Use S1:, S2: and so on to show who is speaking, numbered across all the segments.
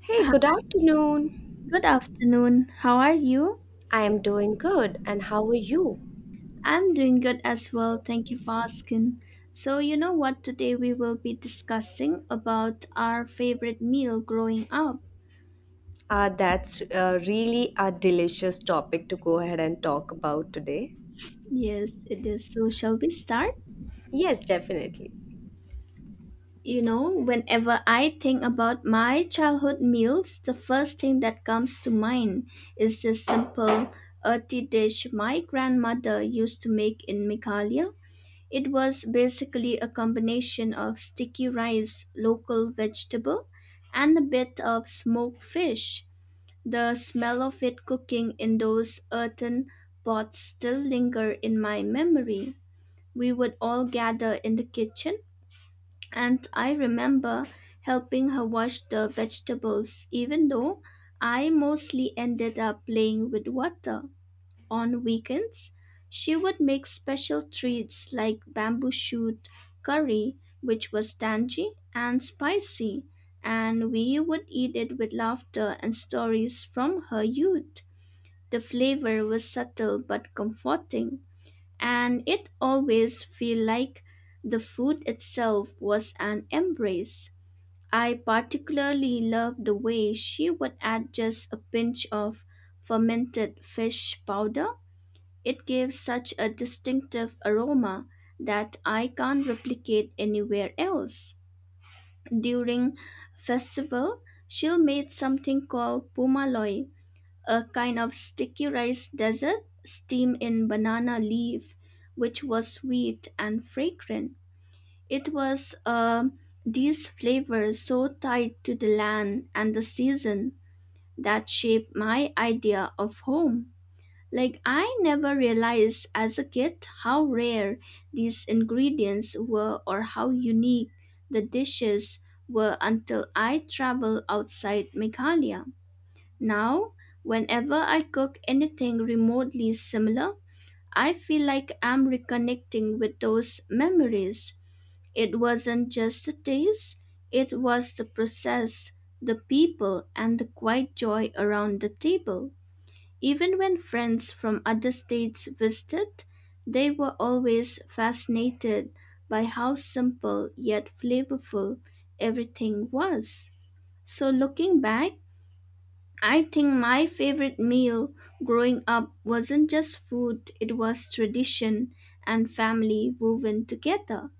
S1: Hey,
S2: Hi,
S1: good afternoon.
S2: Good afternoon. How are you?
S1: I am doing good, and how are you?
S2: I'm doing good as well. Thank you for asking. So, you know what? Today we will be discussing about our favorite meal growing up.
S1: That's really a delicious topic to go ahead and talk about today.
S2: Yes, it is. So, shall we start?
S1: Yes, definitely.
S2: You know, whenever I think about my childhood meals, the first thing that comes to mind is this simple earthy dish my grandmother used to make in Meghalaya. It was basically a combination of sticky rice, local vegetable, and a bit of smoked fish. The smell of it cooking in those earthen pots still linger in my memory. We would all gather in the kitchen, and I remember helping her wash the vegetables, even though I mostly ended up playing with water. On weekends, she would make special treats like bamboo shoot curry, which was tangy and spicy, and we would eat it with laughter and stories from her youth. The flavor was subtle but comforting, and it always felt like the food itself was an embrace. I particularly loved the way she would add just a pinch of fermented fish powder, it gives such a distinctive aroma that I can't replicate anywhere else. During festival, she'll make something called pumaloy, a kind of sticky rice dessert steamed in banana leaf, which was sweet and fragrant. It was these flavors so tied to the land and the season that shaped my idea of home. Like, I never realized as a kid how rare these ingredients were or how unique the dishes were until I traveled outside Meghalaya. Now, whenever I cook anything remotely similar, I feel like I'm reconnecting with those memories. It wasn't just a taste, it was the process, the people, and the quiet joy around the table. Even when friends from other states visited, they were always fascinated by how simple yet flavorful everything was. So, looking back, I think my favorite meal growing up wasn't just food, it was tradition and family woven together.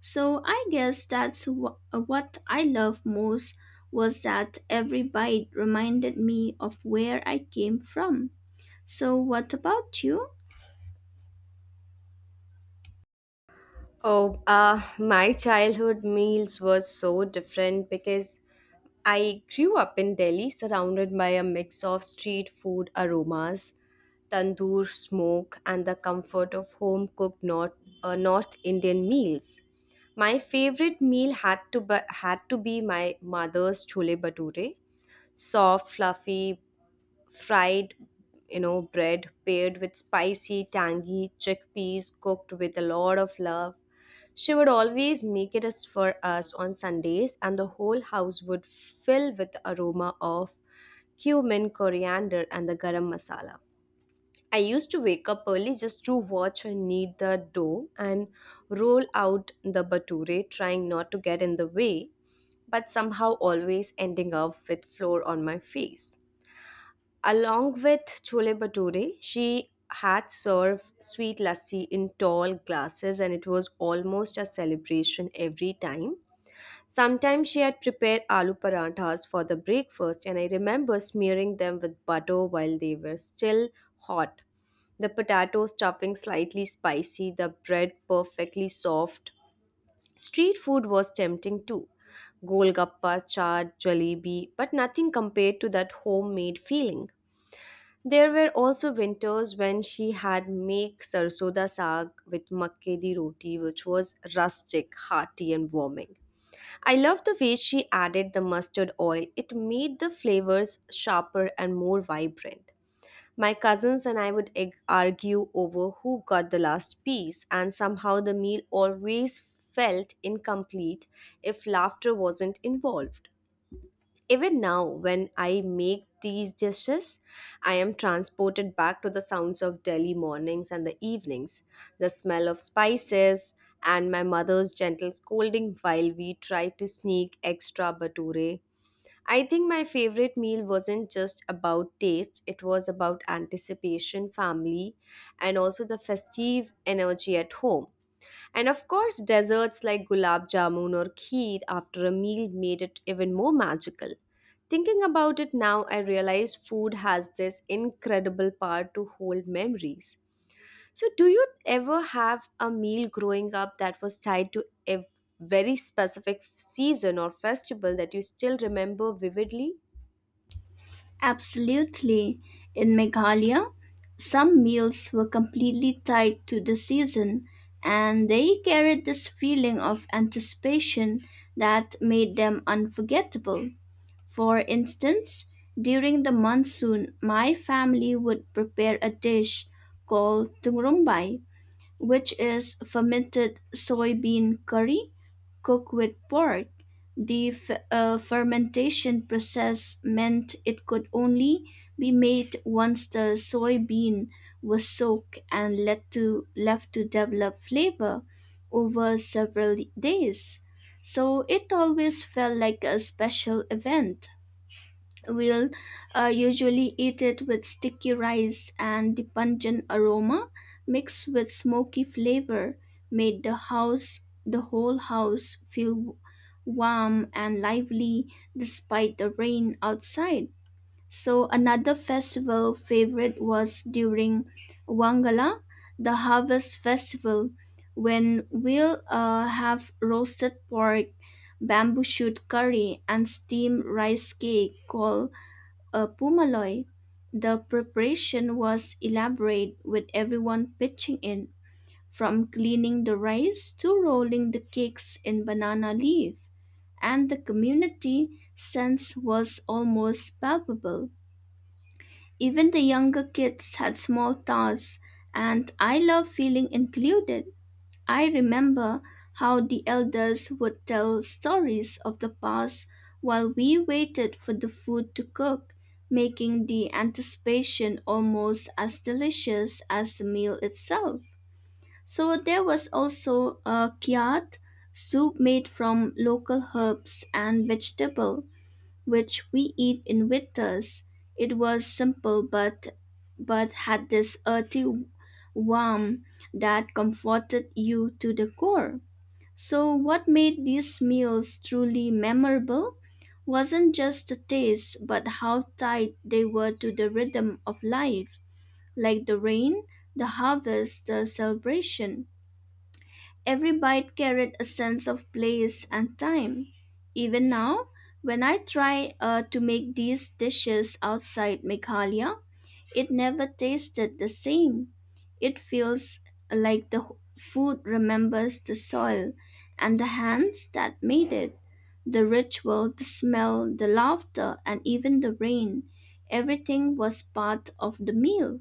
S2: So, I guess what I love most was that every bite reminded me of where I came from. So, what about you?
S1: Oh, my childhood meals were so different because I grew up in Delhi surrounded by a mix of street food aromas, tandoor smoke, and the comfort of home cooked North Indian meals. My favorite meal had to be my mother's chole bhature, soft, fluffy, fried bread paired with spicy tangy chickpeas cooked with a lot of love. She would always make it as for us on Sundays, and the whole house would fill with the aroma of cumin, coriander, and the garam masala. I used to wake up early just to watch her knead the dough and roll out the bature, trying not to get in the way, but somehow always ending up with flour on my face. Along with chole bhature, she had served sweet lassi in tall glasses, and it was almost a celebration every time. Sometimes she had prepared aloo paranthas for the breakfast, and I remember smearing them with butter while they were still hot. The potato stuffing slightly spicy, the bread perfectly soft. Street food was tempting too, golgappa, chaat, jalebi, but nothing compared to that homemade feeling. There were also winters when she had make sarsoda saag with makke di roti, which was rustic, hearty, and warming. I loved the way she added the mustard oil. It made the flavors sharper and more vibrant. My cousins and I would argue over who got the last piece, and somehow the meal always felt incomplete if laughter wasn't involved. Even now, when I make these dishes, I am transported back to the sounds of Delhi mornings and the evenings, the smell of spices, and my mother's gentle scolding while we try to sneak extra bature. I think my favorite meal wasn't just about taste, it was about anticipation, family, and also the festive energy at home. And of course, desserts like gulab jamun or kheer after a meal made it even more magical. Thinking about it now, I realize food has this incredible power to hold memories. So, do you ever have a meal growing up that was tied to a very specific season or festival that you still remember vividly?
S2: Absolutely. In Meghalaya, some meals were completely tied to the season, and they carried this feeling of anticipation that made them unforgettable. For instance, during the monsoon, my family would prepare a dish called tungurumbai, which is fermented soybean curry cooked with pork. The fermentation process meant it could only be made once the soybean was soaked and left to develop flavor over several days. So it always felt like a special event. Will usually eat it with sticky rice, and the pungent aroma mixed with smoky flavor made the whole house feel warm and lively despite the rain outside. So another festival favorite was during wangala, the harvest festival, when we'll have roasted pork, bamboo shoot curry, and steamed rice cake called a Pumaloy. The preparation was elaborate with everyone pitching in, from cleaning the rice to rolling the cakes in banana leaf, and the community sense was almost palpable. Even the younger kids had small tasks, and I love feeling included. I remember how the elders would tell stories of the past while we waited for the food to cook, making the anticipation almost as delicious as the meal itself. So there was also a kiat soup made from local herbs and vegetables which we eat in winters. It was simple but had this earthy warmth that comforted you to the core. So what made these meals truly memorable wasn't just the taste but how tied they were to the rhythm of life, like the rain, the harvest, the celebration. Every bite carried a sense of place and time. Even now, when I try to make these dishes outside Meghalaya, it never tasted the same. It feels like the food remembers the soil and the hands that made it. The ritual, the smell, the laughter, and even the rain. Everything was part of the meal.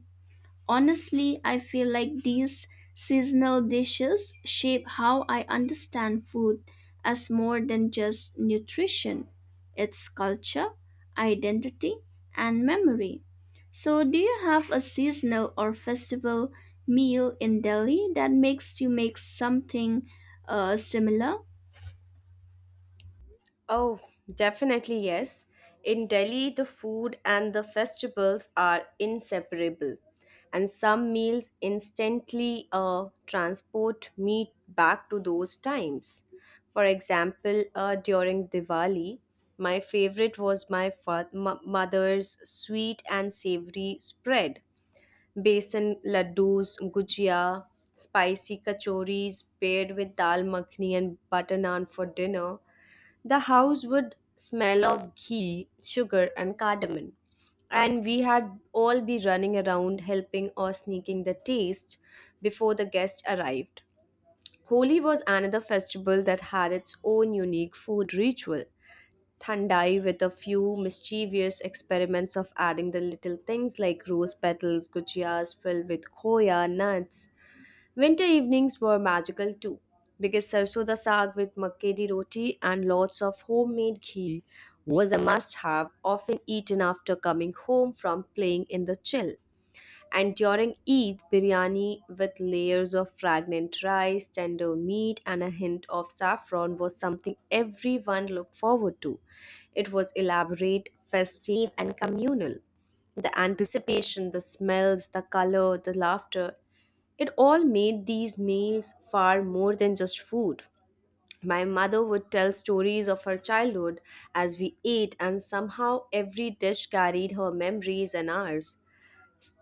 S2: Honestly, I feel like these seasonal dishes shape how I understand food as more than just nutrition. It's culture, identity, and memory. So, do you have a seasonal or festival meal in Delhi that makes you make something similar?
S1: Oh, definitely yes. In Delhi, the food and the festivals are inseparable, and some meals instantly transport me back to those times. For example, during Diwali, my favorite was my mother's sweet and savory spread. Besan laddus, gujia, spicy kachoris paired with dal makhni and butter naan for dinner. The house would smell of ghee, sugar, and cardamom, and we had all be running around helping or sneaking the taste before the guests arrived. Holi was another festival that had its own unique food ritual. Thandai with a few mischievous experiments of adding the little things like rose petals, gujiyas filled with khoya nuts. Winter evenings were magical too, because sarso da saag with makke di roti and lots of homemade ghee was a must have, often eaten after coming home from playing in the chill. And during Eid, biryani with layers of fragrant rice, tender meat, and a hint of saffron was something everyone looked forward to. It was elaborate, festive, and communal. The anticipation, the smells, the color, the laughter, it all made these meals far more than just food. My mother would tell stories of her childhood as we ate, and somehow every dish carried her memories and ours.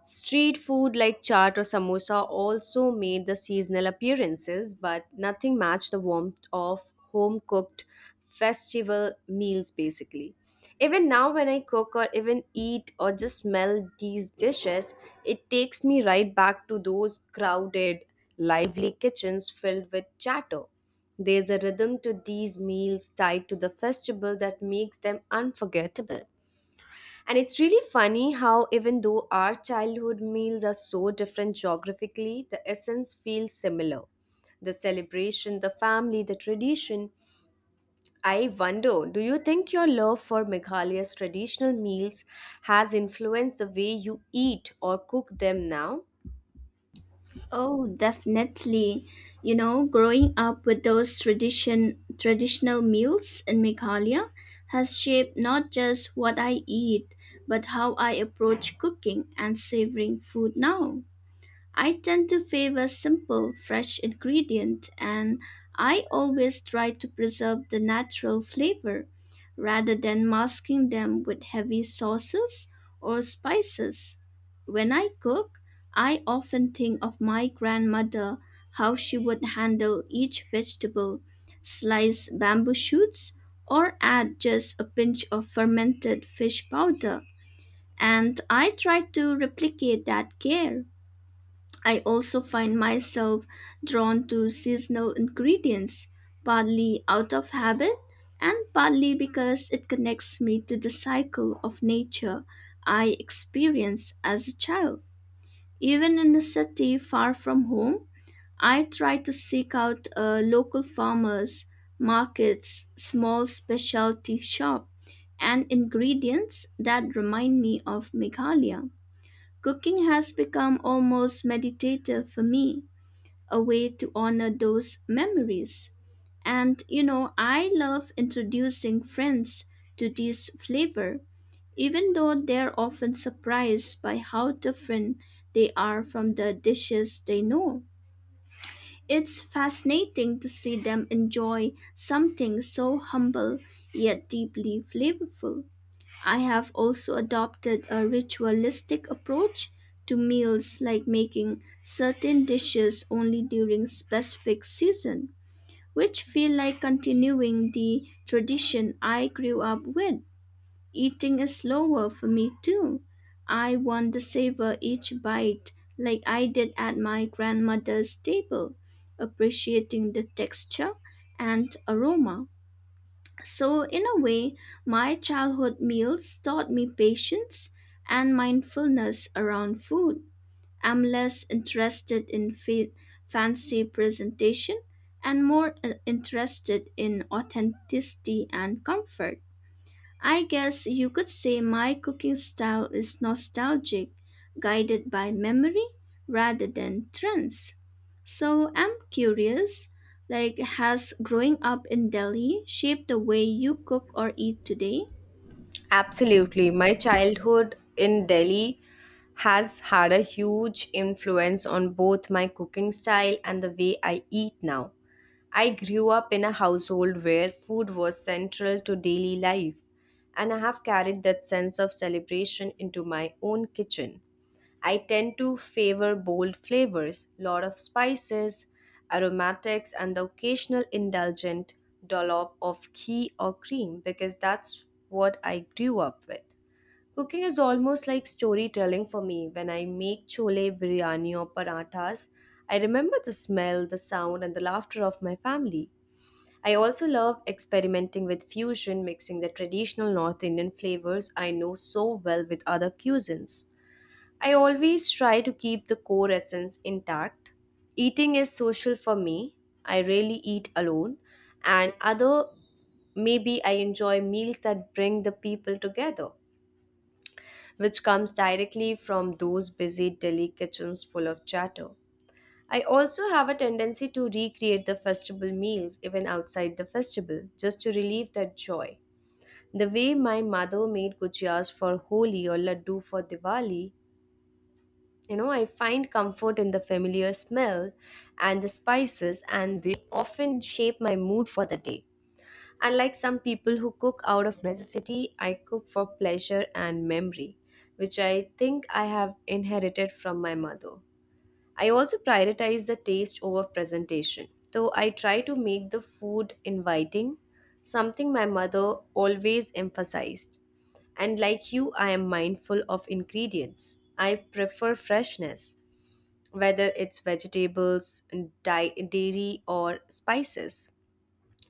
S1: Street food like chaat or samosa also made the seasonal appearances, but nothing matched the warmth of home cooked festival meals basically. Even now, when I cook or even eat or just smell these dishes, it takes me right back to those crowded, lively kitchens filled with chatter. There's a rhythm to these meals tied to the festival that makes them unforgettable. And it's really funny how, even though our childhood meals are so different geographically, the essence feels similar. The celebration, the family, the tradition. I wonder, do you think your love for Meghalaya's traditional meals has influenced the way you eat or cook them now?
S2: Oh, definitely. You know, growing up with those traditional meals in Meghalaya has shaped not just what I eat, but how I approach cooking and savoring food now. I tend to favor simple, fresh ingredient, and I always try to preserve the natural flavor rather than masking them with heavy sauces or spices. When I cook, I often think of my grandmother, how she would handle each vegetable, slice bamboo shoots, or add just a pinch of fermented fish powder. And I try to replicate that care. I also find myself drawn to seasonal ingredients, partly out of habit and partly because it connects me to the cycle of nature I experienced as a child. Even in the city far from home, I try to seek out local farmers, markets, small specialty shop, and ingredients that remind me of Meghalaya. Cooking has become almost meditative for me, a way to honor those memories. And you know, I love introducing friends to this flavor, even though they're often surprised by how different they are from the dishes they know. It's fascinating to see them enjoy something so humble yet deeply flavorful. I have also adopted a ritualistic approach to meals like making certain dishes only during specific season, which feel like continuing the tradition I grew up with. Eating is slower for me too. I want to savor each bite like I did at my grandmother's table, appreciating the texture and aroma. So, in a way, my childhood meals taught me patience and mindfulness around food. I'm less interested in fancy presentation and more interested in authenticity and comfort. I guess you could say my cooking style is nostalgic, guided by memory rather than trends. So I'm curious, like has growing up in Delhi shaped the way you cook or eat today?
S1: Absolutely. My childhood in Delhi has had a huge influence on both my cooking style and the way I eat now. I grew up in a household where food was central to daily life, and I have carried that sense of celebration into my own kitchen. I tend to favor bold flavors, lot of spices, aromatics, and the occasional indulgent dollop of ghee or cream because that's what I grew up with. Cooking is almost like storytelling for me. When I make chole, biryani, or parathas, I remember the smell, the sound, and the laughter of my family. I also love experimenting with fusion, mixing the traditional North Indian flavors I know so well with other cuisines. I always try to keep the core essence intact. Eating is social for me. I rarely eat alone, and other maybe I enjoy meals that bring the people together, which comes directly from those busy Delhi kitchens full of chatter. I also have a tendency to recreate the festival meals even outside the festival just to relieve that joy. The way my mother made gujias for Holi or laddu for Diwali, I find comfort in the familiar smell and the spices, and they often shape my mood for the day. Unlike some people who cook out of necessity, I cook for pleasure and memory, which I think I have inherited from my mother. I also prioritize the taste over presentation. So I try to make the food inviting, something my mother always emphasized. And like you, I am mindful of ingredients. I prefer freshness, whether it's vegetables, dairy, or spices.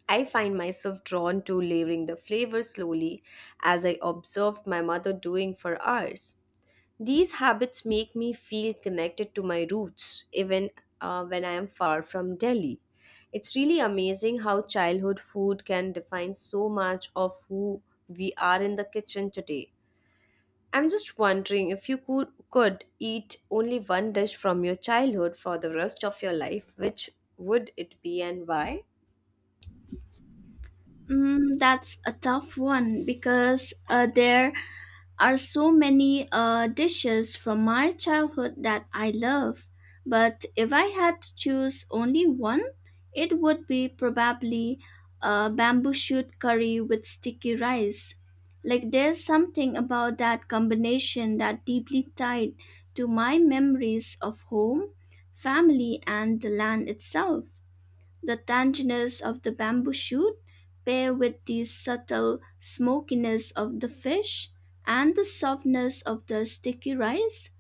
S1: I find myself drawn to layering the flavor slowly as I observed my mother doing for hours. These habits make me feel connected to my roots even when I am far from Delhi. It's really amazing how childhood food can define so much of who we are in the kitchen today. I'm just wondering if you could eat only one dish from your childhood for the rest of your life, which would it be and why?
S2: That's a tough one because there are so many dishes from my childhood that I love. But if I had to choose only one, it would be probably a bamboo shoot curry with sticky rice. Like there's something about that combination that deeply tied to my memories of home, family, and the land itself. The tanginess of the bamboo shoot, paired with the subtle smokiness of the fish and the softness of the sticky rice,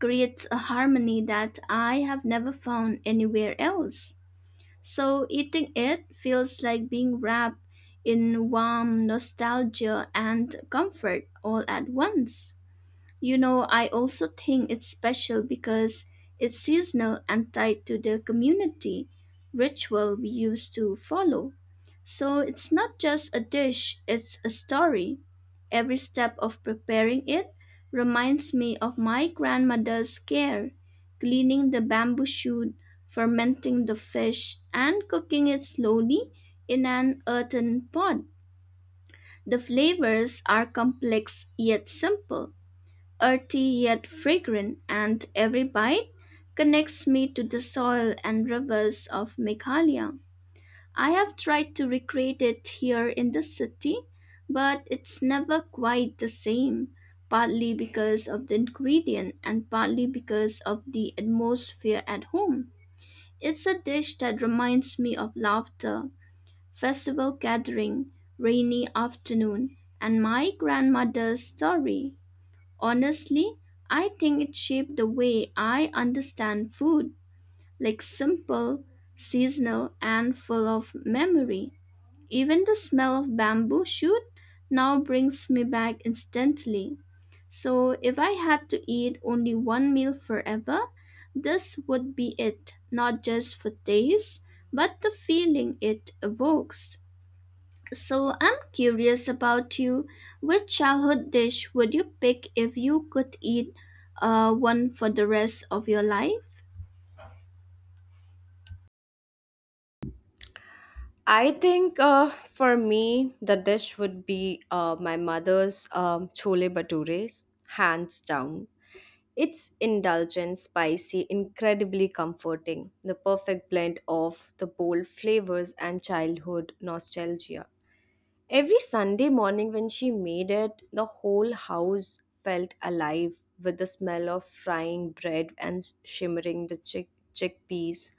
S2: creates a harmony that I have never found anywhere else. So eating it feels like being wrapped in warm nostalgia and comfort all at once. You know, I also think it's special because it's seasonal and tied to the community ritual we used to follow. So it's not just a dish, it's a story. Every step of preparing it reminds me of my grandmother's care, cleaning the bamboo shoot, fermenting the fish, and cooking it slowly in an earthen pot. The flavors are complex yet simple, earthy yet fragrant, and every bite connects me to the soil and rivers of Meghalaya. I have tried to recreate it here in the city, but it's never quite the same, partly because of the ingredient and partly because of the atmosphere at home. It's a dish that reminds me of laughter, festival gathering, rainy afternoon, and my grandmother's story. Honestly, I think it shaped the way I understand food, like simple, seasonal, and full of memory. Even the smell of bamboo shoot now brings me back instantly. So, if I had to eat only one meal forever, this would be it, not just for taste, but the feeling it evokes. So I'm curious about you. Which childhood dish would you pick if you could eat one for the rest of your life?
S1: I think for me, the dish would be my mother's chole bhatures, hands down. It's indulgent, spicy, incredibly comforting, the perfect blend of the bold flavors and childhood nostalgia. Every Sunday morning when she made it, the whole house felt alive with the smell of frying bread and shimmering the chickpeas.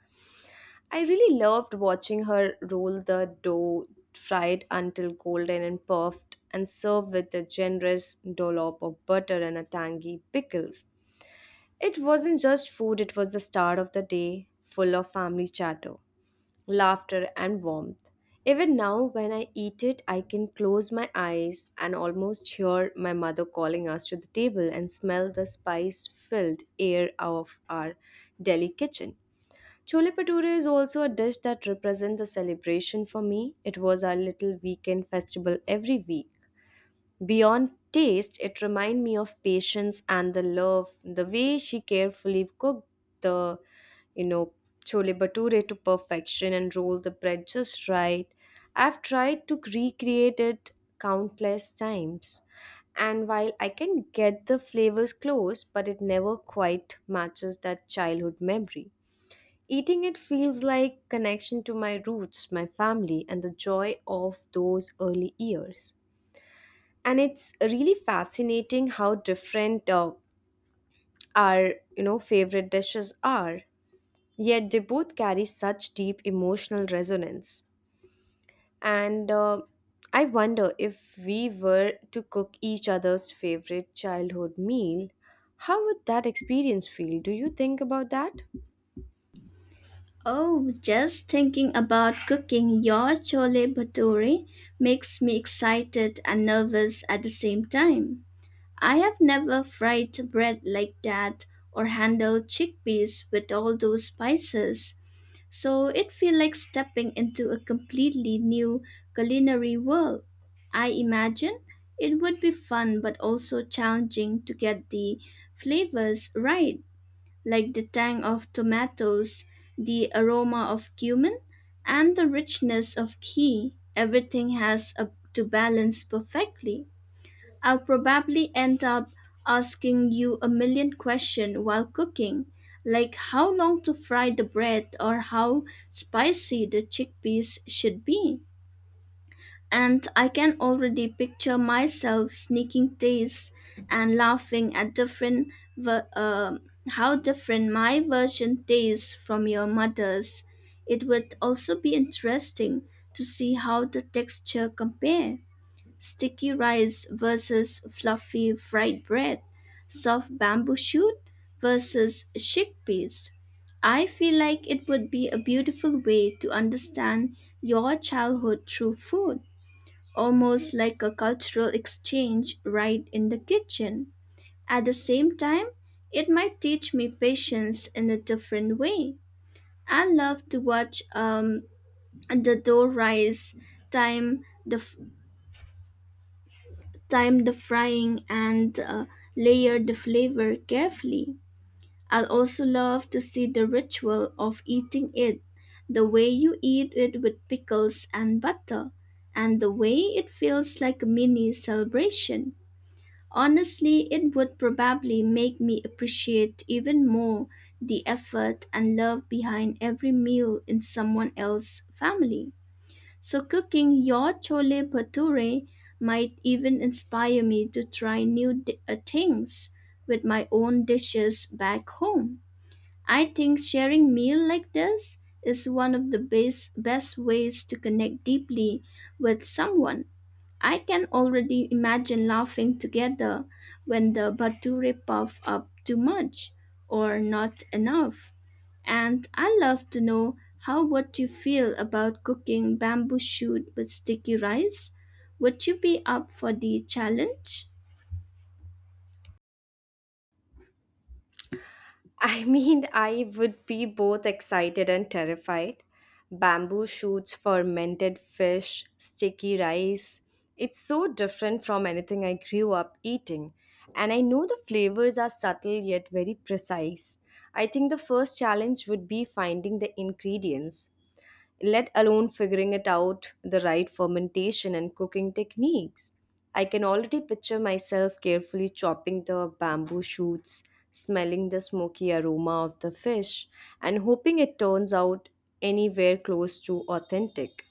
S1: I really loved watching her roll the dough, fry it until golden and puffed, and serve with a generous dollop of butter and a tangy pickles. It wasn't just food, it was the start of the day, full of family chatter, laughter, and warmth. Even now, when I eat it, I can close my eyes and almost hear my mother calling us to the table and smell the spice filled air of our Delhi kitchen. Chole Bhature is also a dish that represents the celebration for me. It was our little weekend festival every week. Beyond taste, it reminded me of patience and the love, the way she carefully cooked the, you know, chole bhature to perfection and rolled the bread just right. I've tried to recreate it countless times. And while I can get the flavors close, but it never quite matches that childhood memory. Eating it feels like connection to my roots, my family, and the joy of those early years. And it's really fascinating how different our favorite dishes are, yet they both carry such deep emotional resonance. And I wonder, if we were to cook each other's favorite childhood meal, how would that experience feel? Do you think about that?
S2: Oh, just thinking about cooking your chole bhature makes me excited and nervous at the same time. I have never fried bread like that or handled chickpeas with all those spices. So it feels like stepping into a completely new culinary world. I imagine it would be fun but also challenging to get the flavors right, like the tang of tomatoes, the aroma of cumin, and the richness of ghee. Everything has a, to balance perfectly. I'll probably end up asking you a million questions while cooking, like how long to fry the bread or how spicy the chickpeas should be. And I can already picture myself sneaking tastes and laughing at different ver- uh, how different my version tastes from your mother's. It would also be interesting to see how the texture compare, sticky rice versus fluffy fried bread, soft bamboo shoot versus chickpeas. I feel like it would be a beautiful way to understand your childhood through food, almost like a cultural exchange right in the kitchen. At the same time, it might teach me patience in a different way. I love to watch the dough rise, time the time the frying and layer the flavor carefully. I'll also love to see the ritual of eating it, the way you eat it with pickles and butter, and the way it feels like a mini celebration. Honestly, it would probably make me appreciate even more the effort and love behind every meal in someone else's family. So, cooking your chole bhature might even inspire me to try things with my own dishes back home. I think sharing meal like this is one of the best ways to connect deeply with someone. I can already imagine laughing together when the Bature puff up too much or not enough. And I love to know how what you feel about cooking bamboo shoot with sticky rice. Would you be up for the challenge?
S1: I mean, I would be both excited and terrified. Bamboo shoots, fermented fish, sticky rice. It's so different from anything I grew up eating. And I know the flavors are subtle yet very precise. I think the first challenge would be finding the ingredients, let alone figuring it out the right fermentation and cooking techniques. I can already picture myself carefully chopping the bamboo shoots, smelling the smoky aroma of the fish, and hoping it turns out anywhere close to authentic.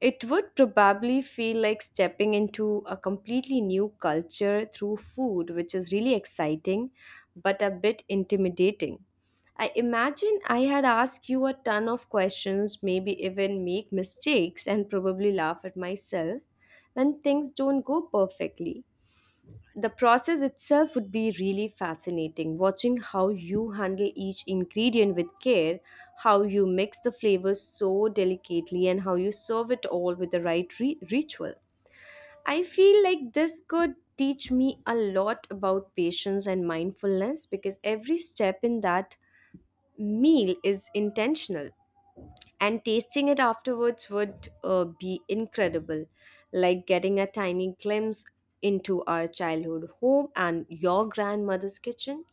S1: It would probably feel like stepping into a completely new culture through food, which is really exciting but a bit intimidating. I imagine I had asked you a ton of questions, maybe even make mistakes and probably laugh at myself when things don't go perfectly. The process itself would be really fascinating, watching how you handle each ingredient with care, how you mix the flavors so delicately, and how you serve it all with the right ritual. I feel like this could teach me a lot about patience and mindfulness because every step in that meal is intentional. And tasting it afterwards would be incredible, like getting a tiny glimpse into our childhood home and your grandmother's kitchen.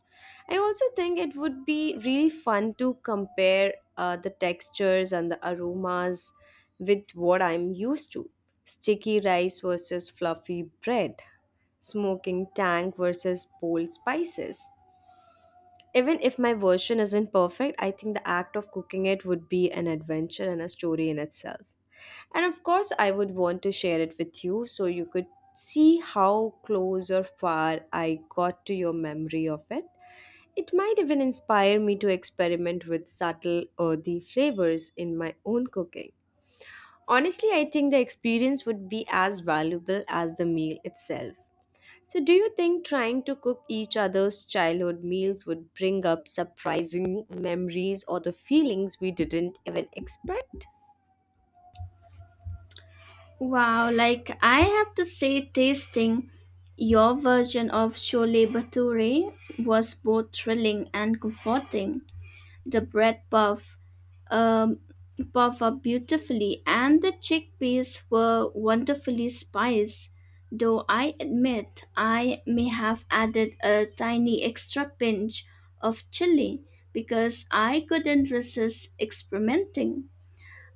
S1: I also think it would be really fun to compare the textures and the aromas with what I'm used to. Sticky rice versus fluffy bread, smoking tank versus bold spices. Even if my version isn't perfect, I think the act of cooking it would be an adventure and a story in itself. And of course, I would want to share it with you so you could see how close or far I got to your memory of it. It might even inspire me to experiment with subtle earthy flavors in my own cooking. Honestly, I think the experience would be as valuable as the meal itself. So, do you think trying to cook each other's childhood meals would bring up surprising memories or the feelings we didn't even expect?
S2: Wow, like I have to say, tasting your version of Chole Bhature was both thrilling and comforting. The bread puff um, puff up beautifully, and the chickpeas were wonderfully spiced. Though I admit I may have added a tiny extra pinch of chili because I couldn't resist experimenting.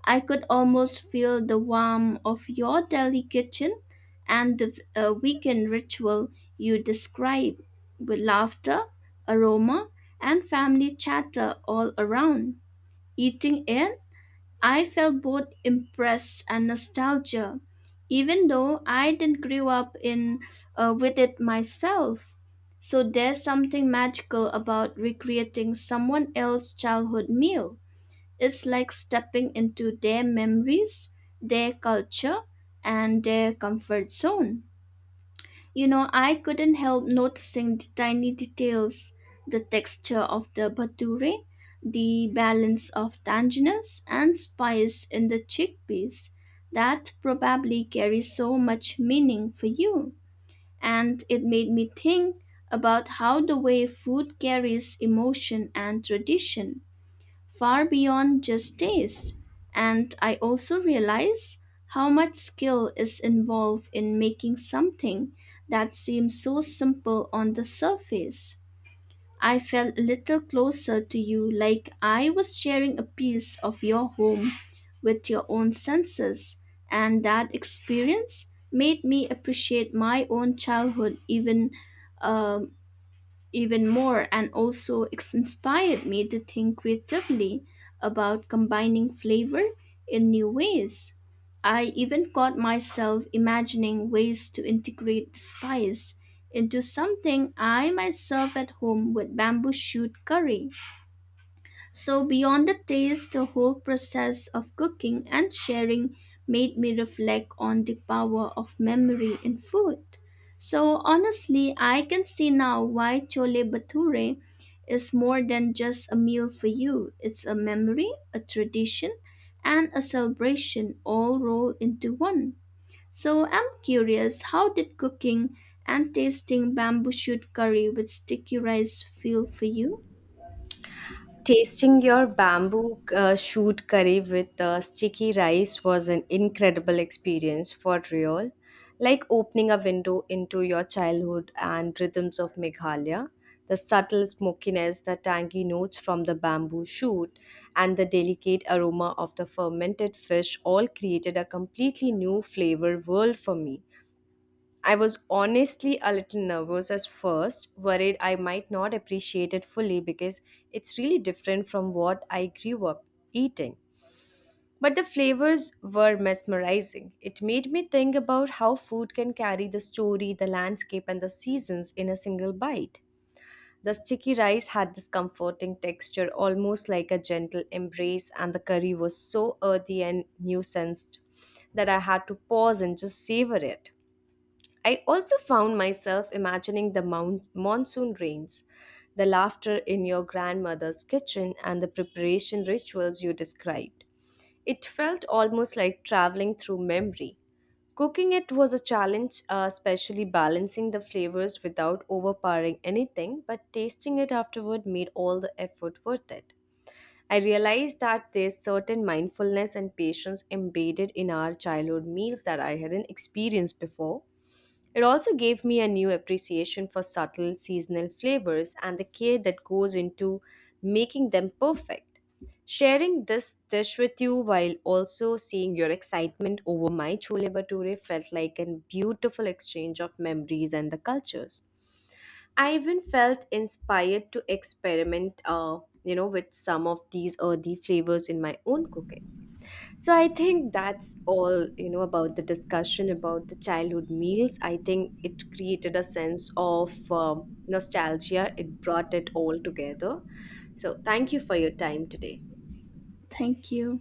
S2: I could almost feel the warmth of your daily kitchen and the weekend ritual you describe with laughter, aroma, and family chatter all around. Eating it, I felt both impressed and nostalgia, even though I didn't grow up in with it myself. So there's something magical about recreating someone else's childhood meal. It's like stepping into their memories, their culture, and their comfort zone. You know, I couldn't help noticing the tiny details, the texture of the bhature, the balance of tanginess and spice in the chickpeas. That probably carries so much meaning for you. And it made me think about how the way food carries emotion and tradition far beyond just taste. And I also realize how much skill is involved in making something that seems so simple on the surface. I felt a little closer to you, like I was sharing a piece of your home with your own senses, and that experience made me appreciate my own childhood um, even more. And also it's inspired me to think creatively about combining flavor in new ways. I even caught myself imagining ways to integrate the spice into something I myself at home with bamboo shoot curry. So, beyond the taste, the whole process of cooking and sharing made me reflect on the power of memory in food. So, honestly, I can see now why chole bhature is more than just a meal for you. It's a memory, a tradition, and a celebration all rolled into one. So, I'm curious, how did cooking and tasting bamboo shoot curry with sticky rice feel for you?
S1: Tasting your bamboo shoot curry with sticky rice was an incredible experience for real, like opening a window into your childhood and rhythms of Meghalaya. The subtle smokiness, the tangy notes from the bamboo shoot, and the delicate aroma of the fermented fish all created a completely new flavor world for me. I was honestly a little nervous at first, worried I might not appreciate it fully because it's really different from what I grew up eating. But the flavors were mesmerizing. It made me think about how food can carry the story, the landscape, and the seasons in a single bite. The sticky rice had this comforting texture, almost like a gentle embrace, and the curry was so earthy and nuanced that I had to pause and just savor it. I also found myself imagining the monsoon rains, the laughter in your grandmother's kitchen, and the preparation rituals you described. It felt almost like traveling through memory. Cooking it was a challenge, especially balancing the flavors without overpowering anything, but tasting it afterward made all the effort worth it. I realized that there's certain mindfulness and patience embedded in our childhood meals that I hadn't experienced before. It also gave me a new appreciation for subtle seasonal flavors and the care that goes into making them perfect. Sharing this dish with you while also seeing your excitement over my chole bhature felt like a beautiful exchange of memories and the cultures. I even felt inspired to experiment, with some of these earthy flavors in my own cooking. So I think that's all, you know, about the discussion about the childhood meals. I think it created a sense of nostalgia. It brought it all together. So thank you for your time today.
S2: Thank you.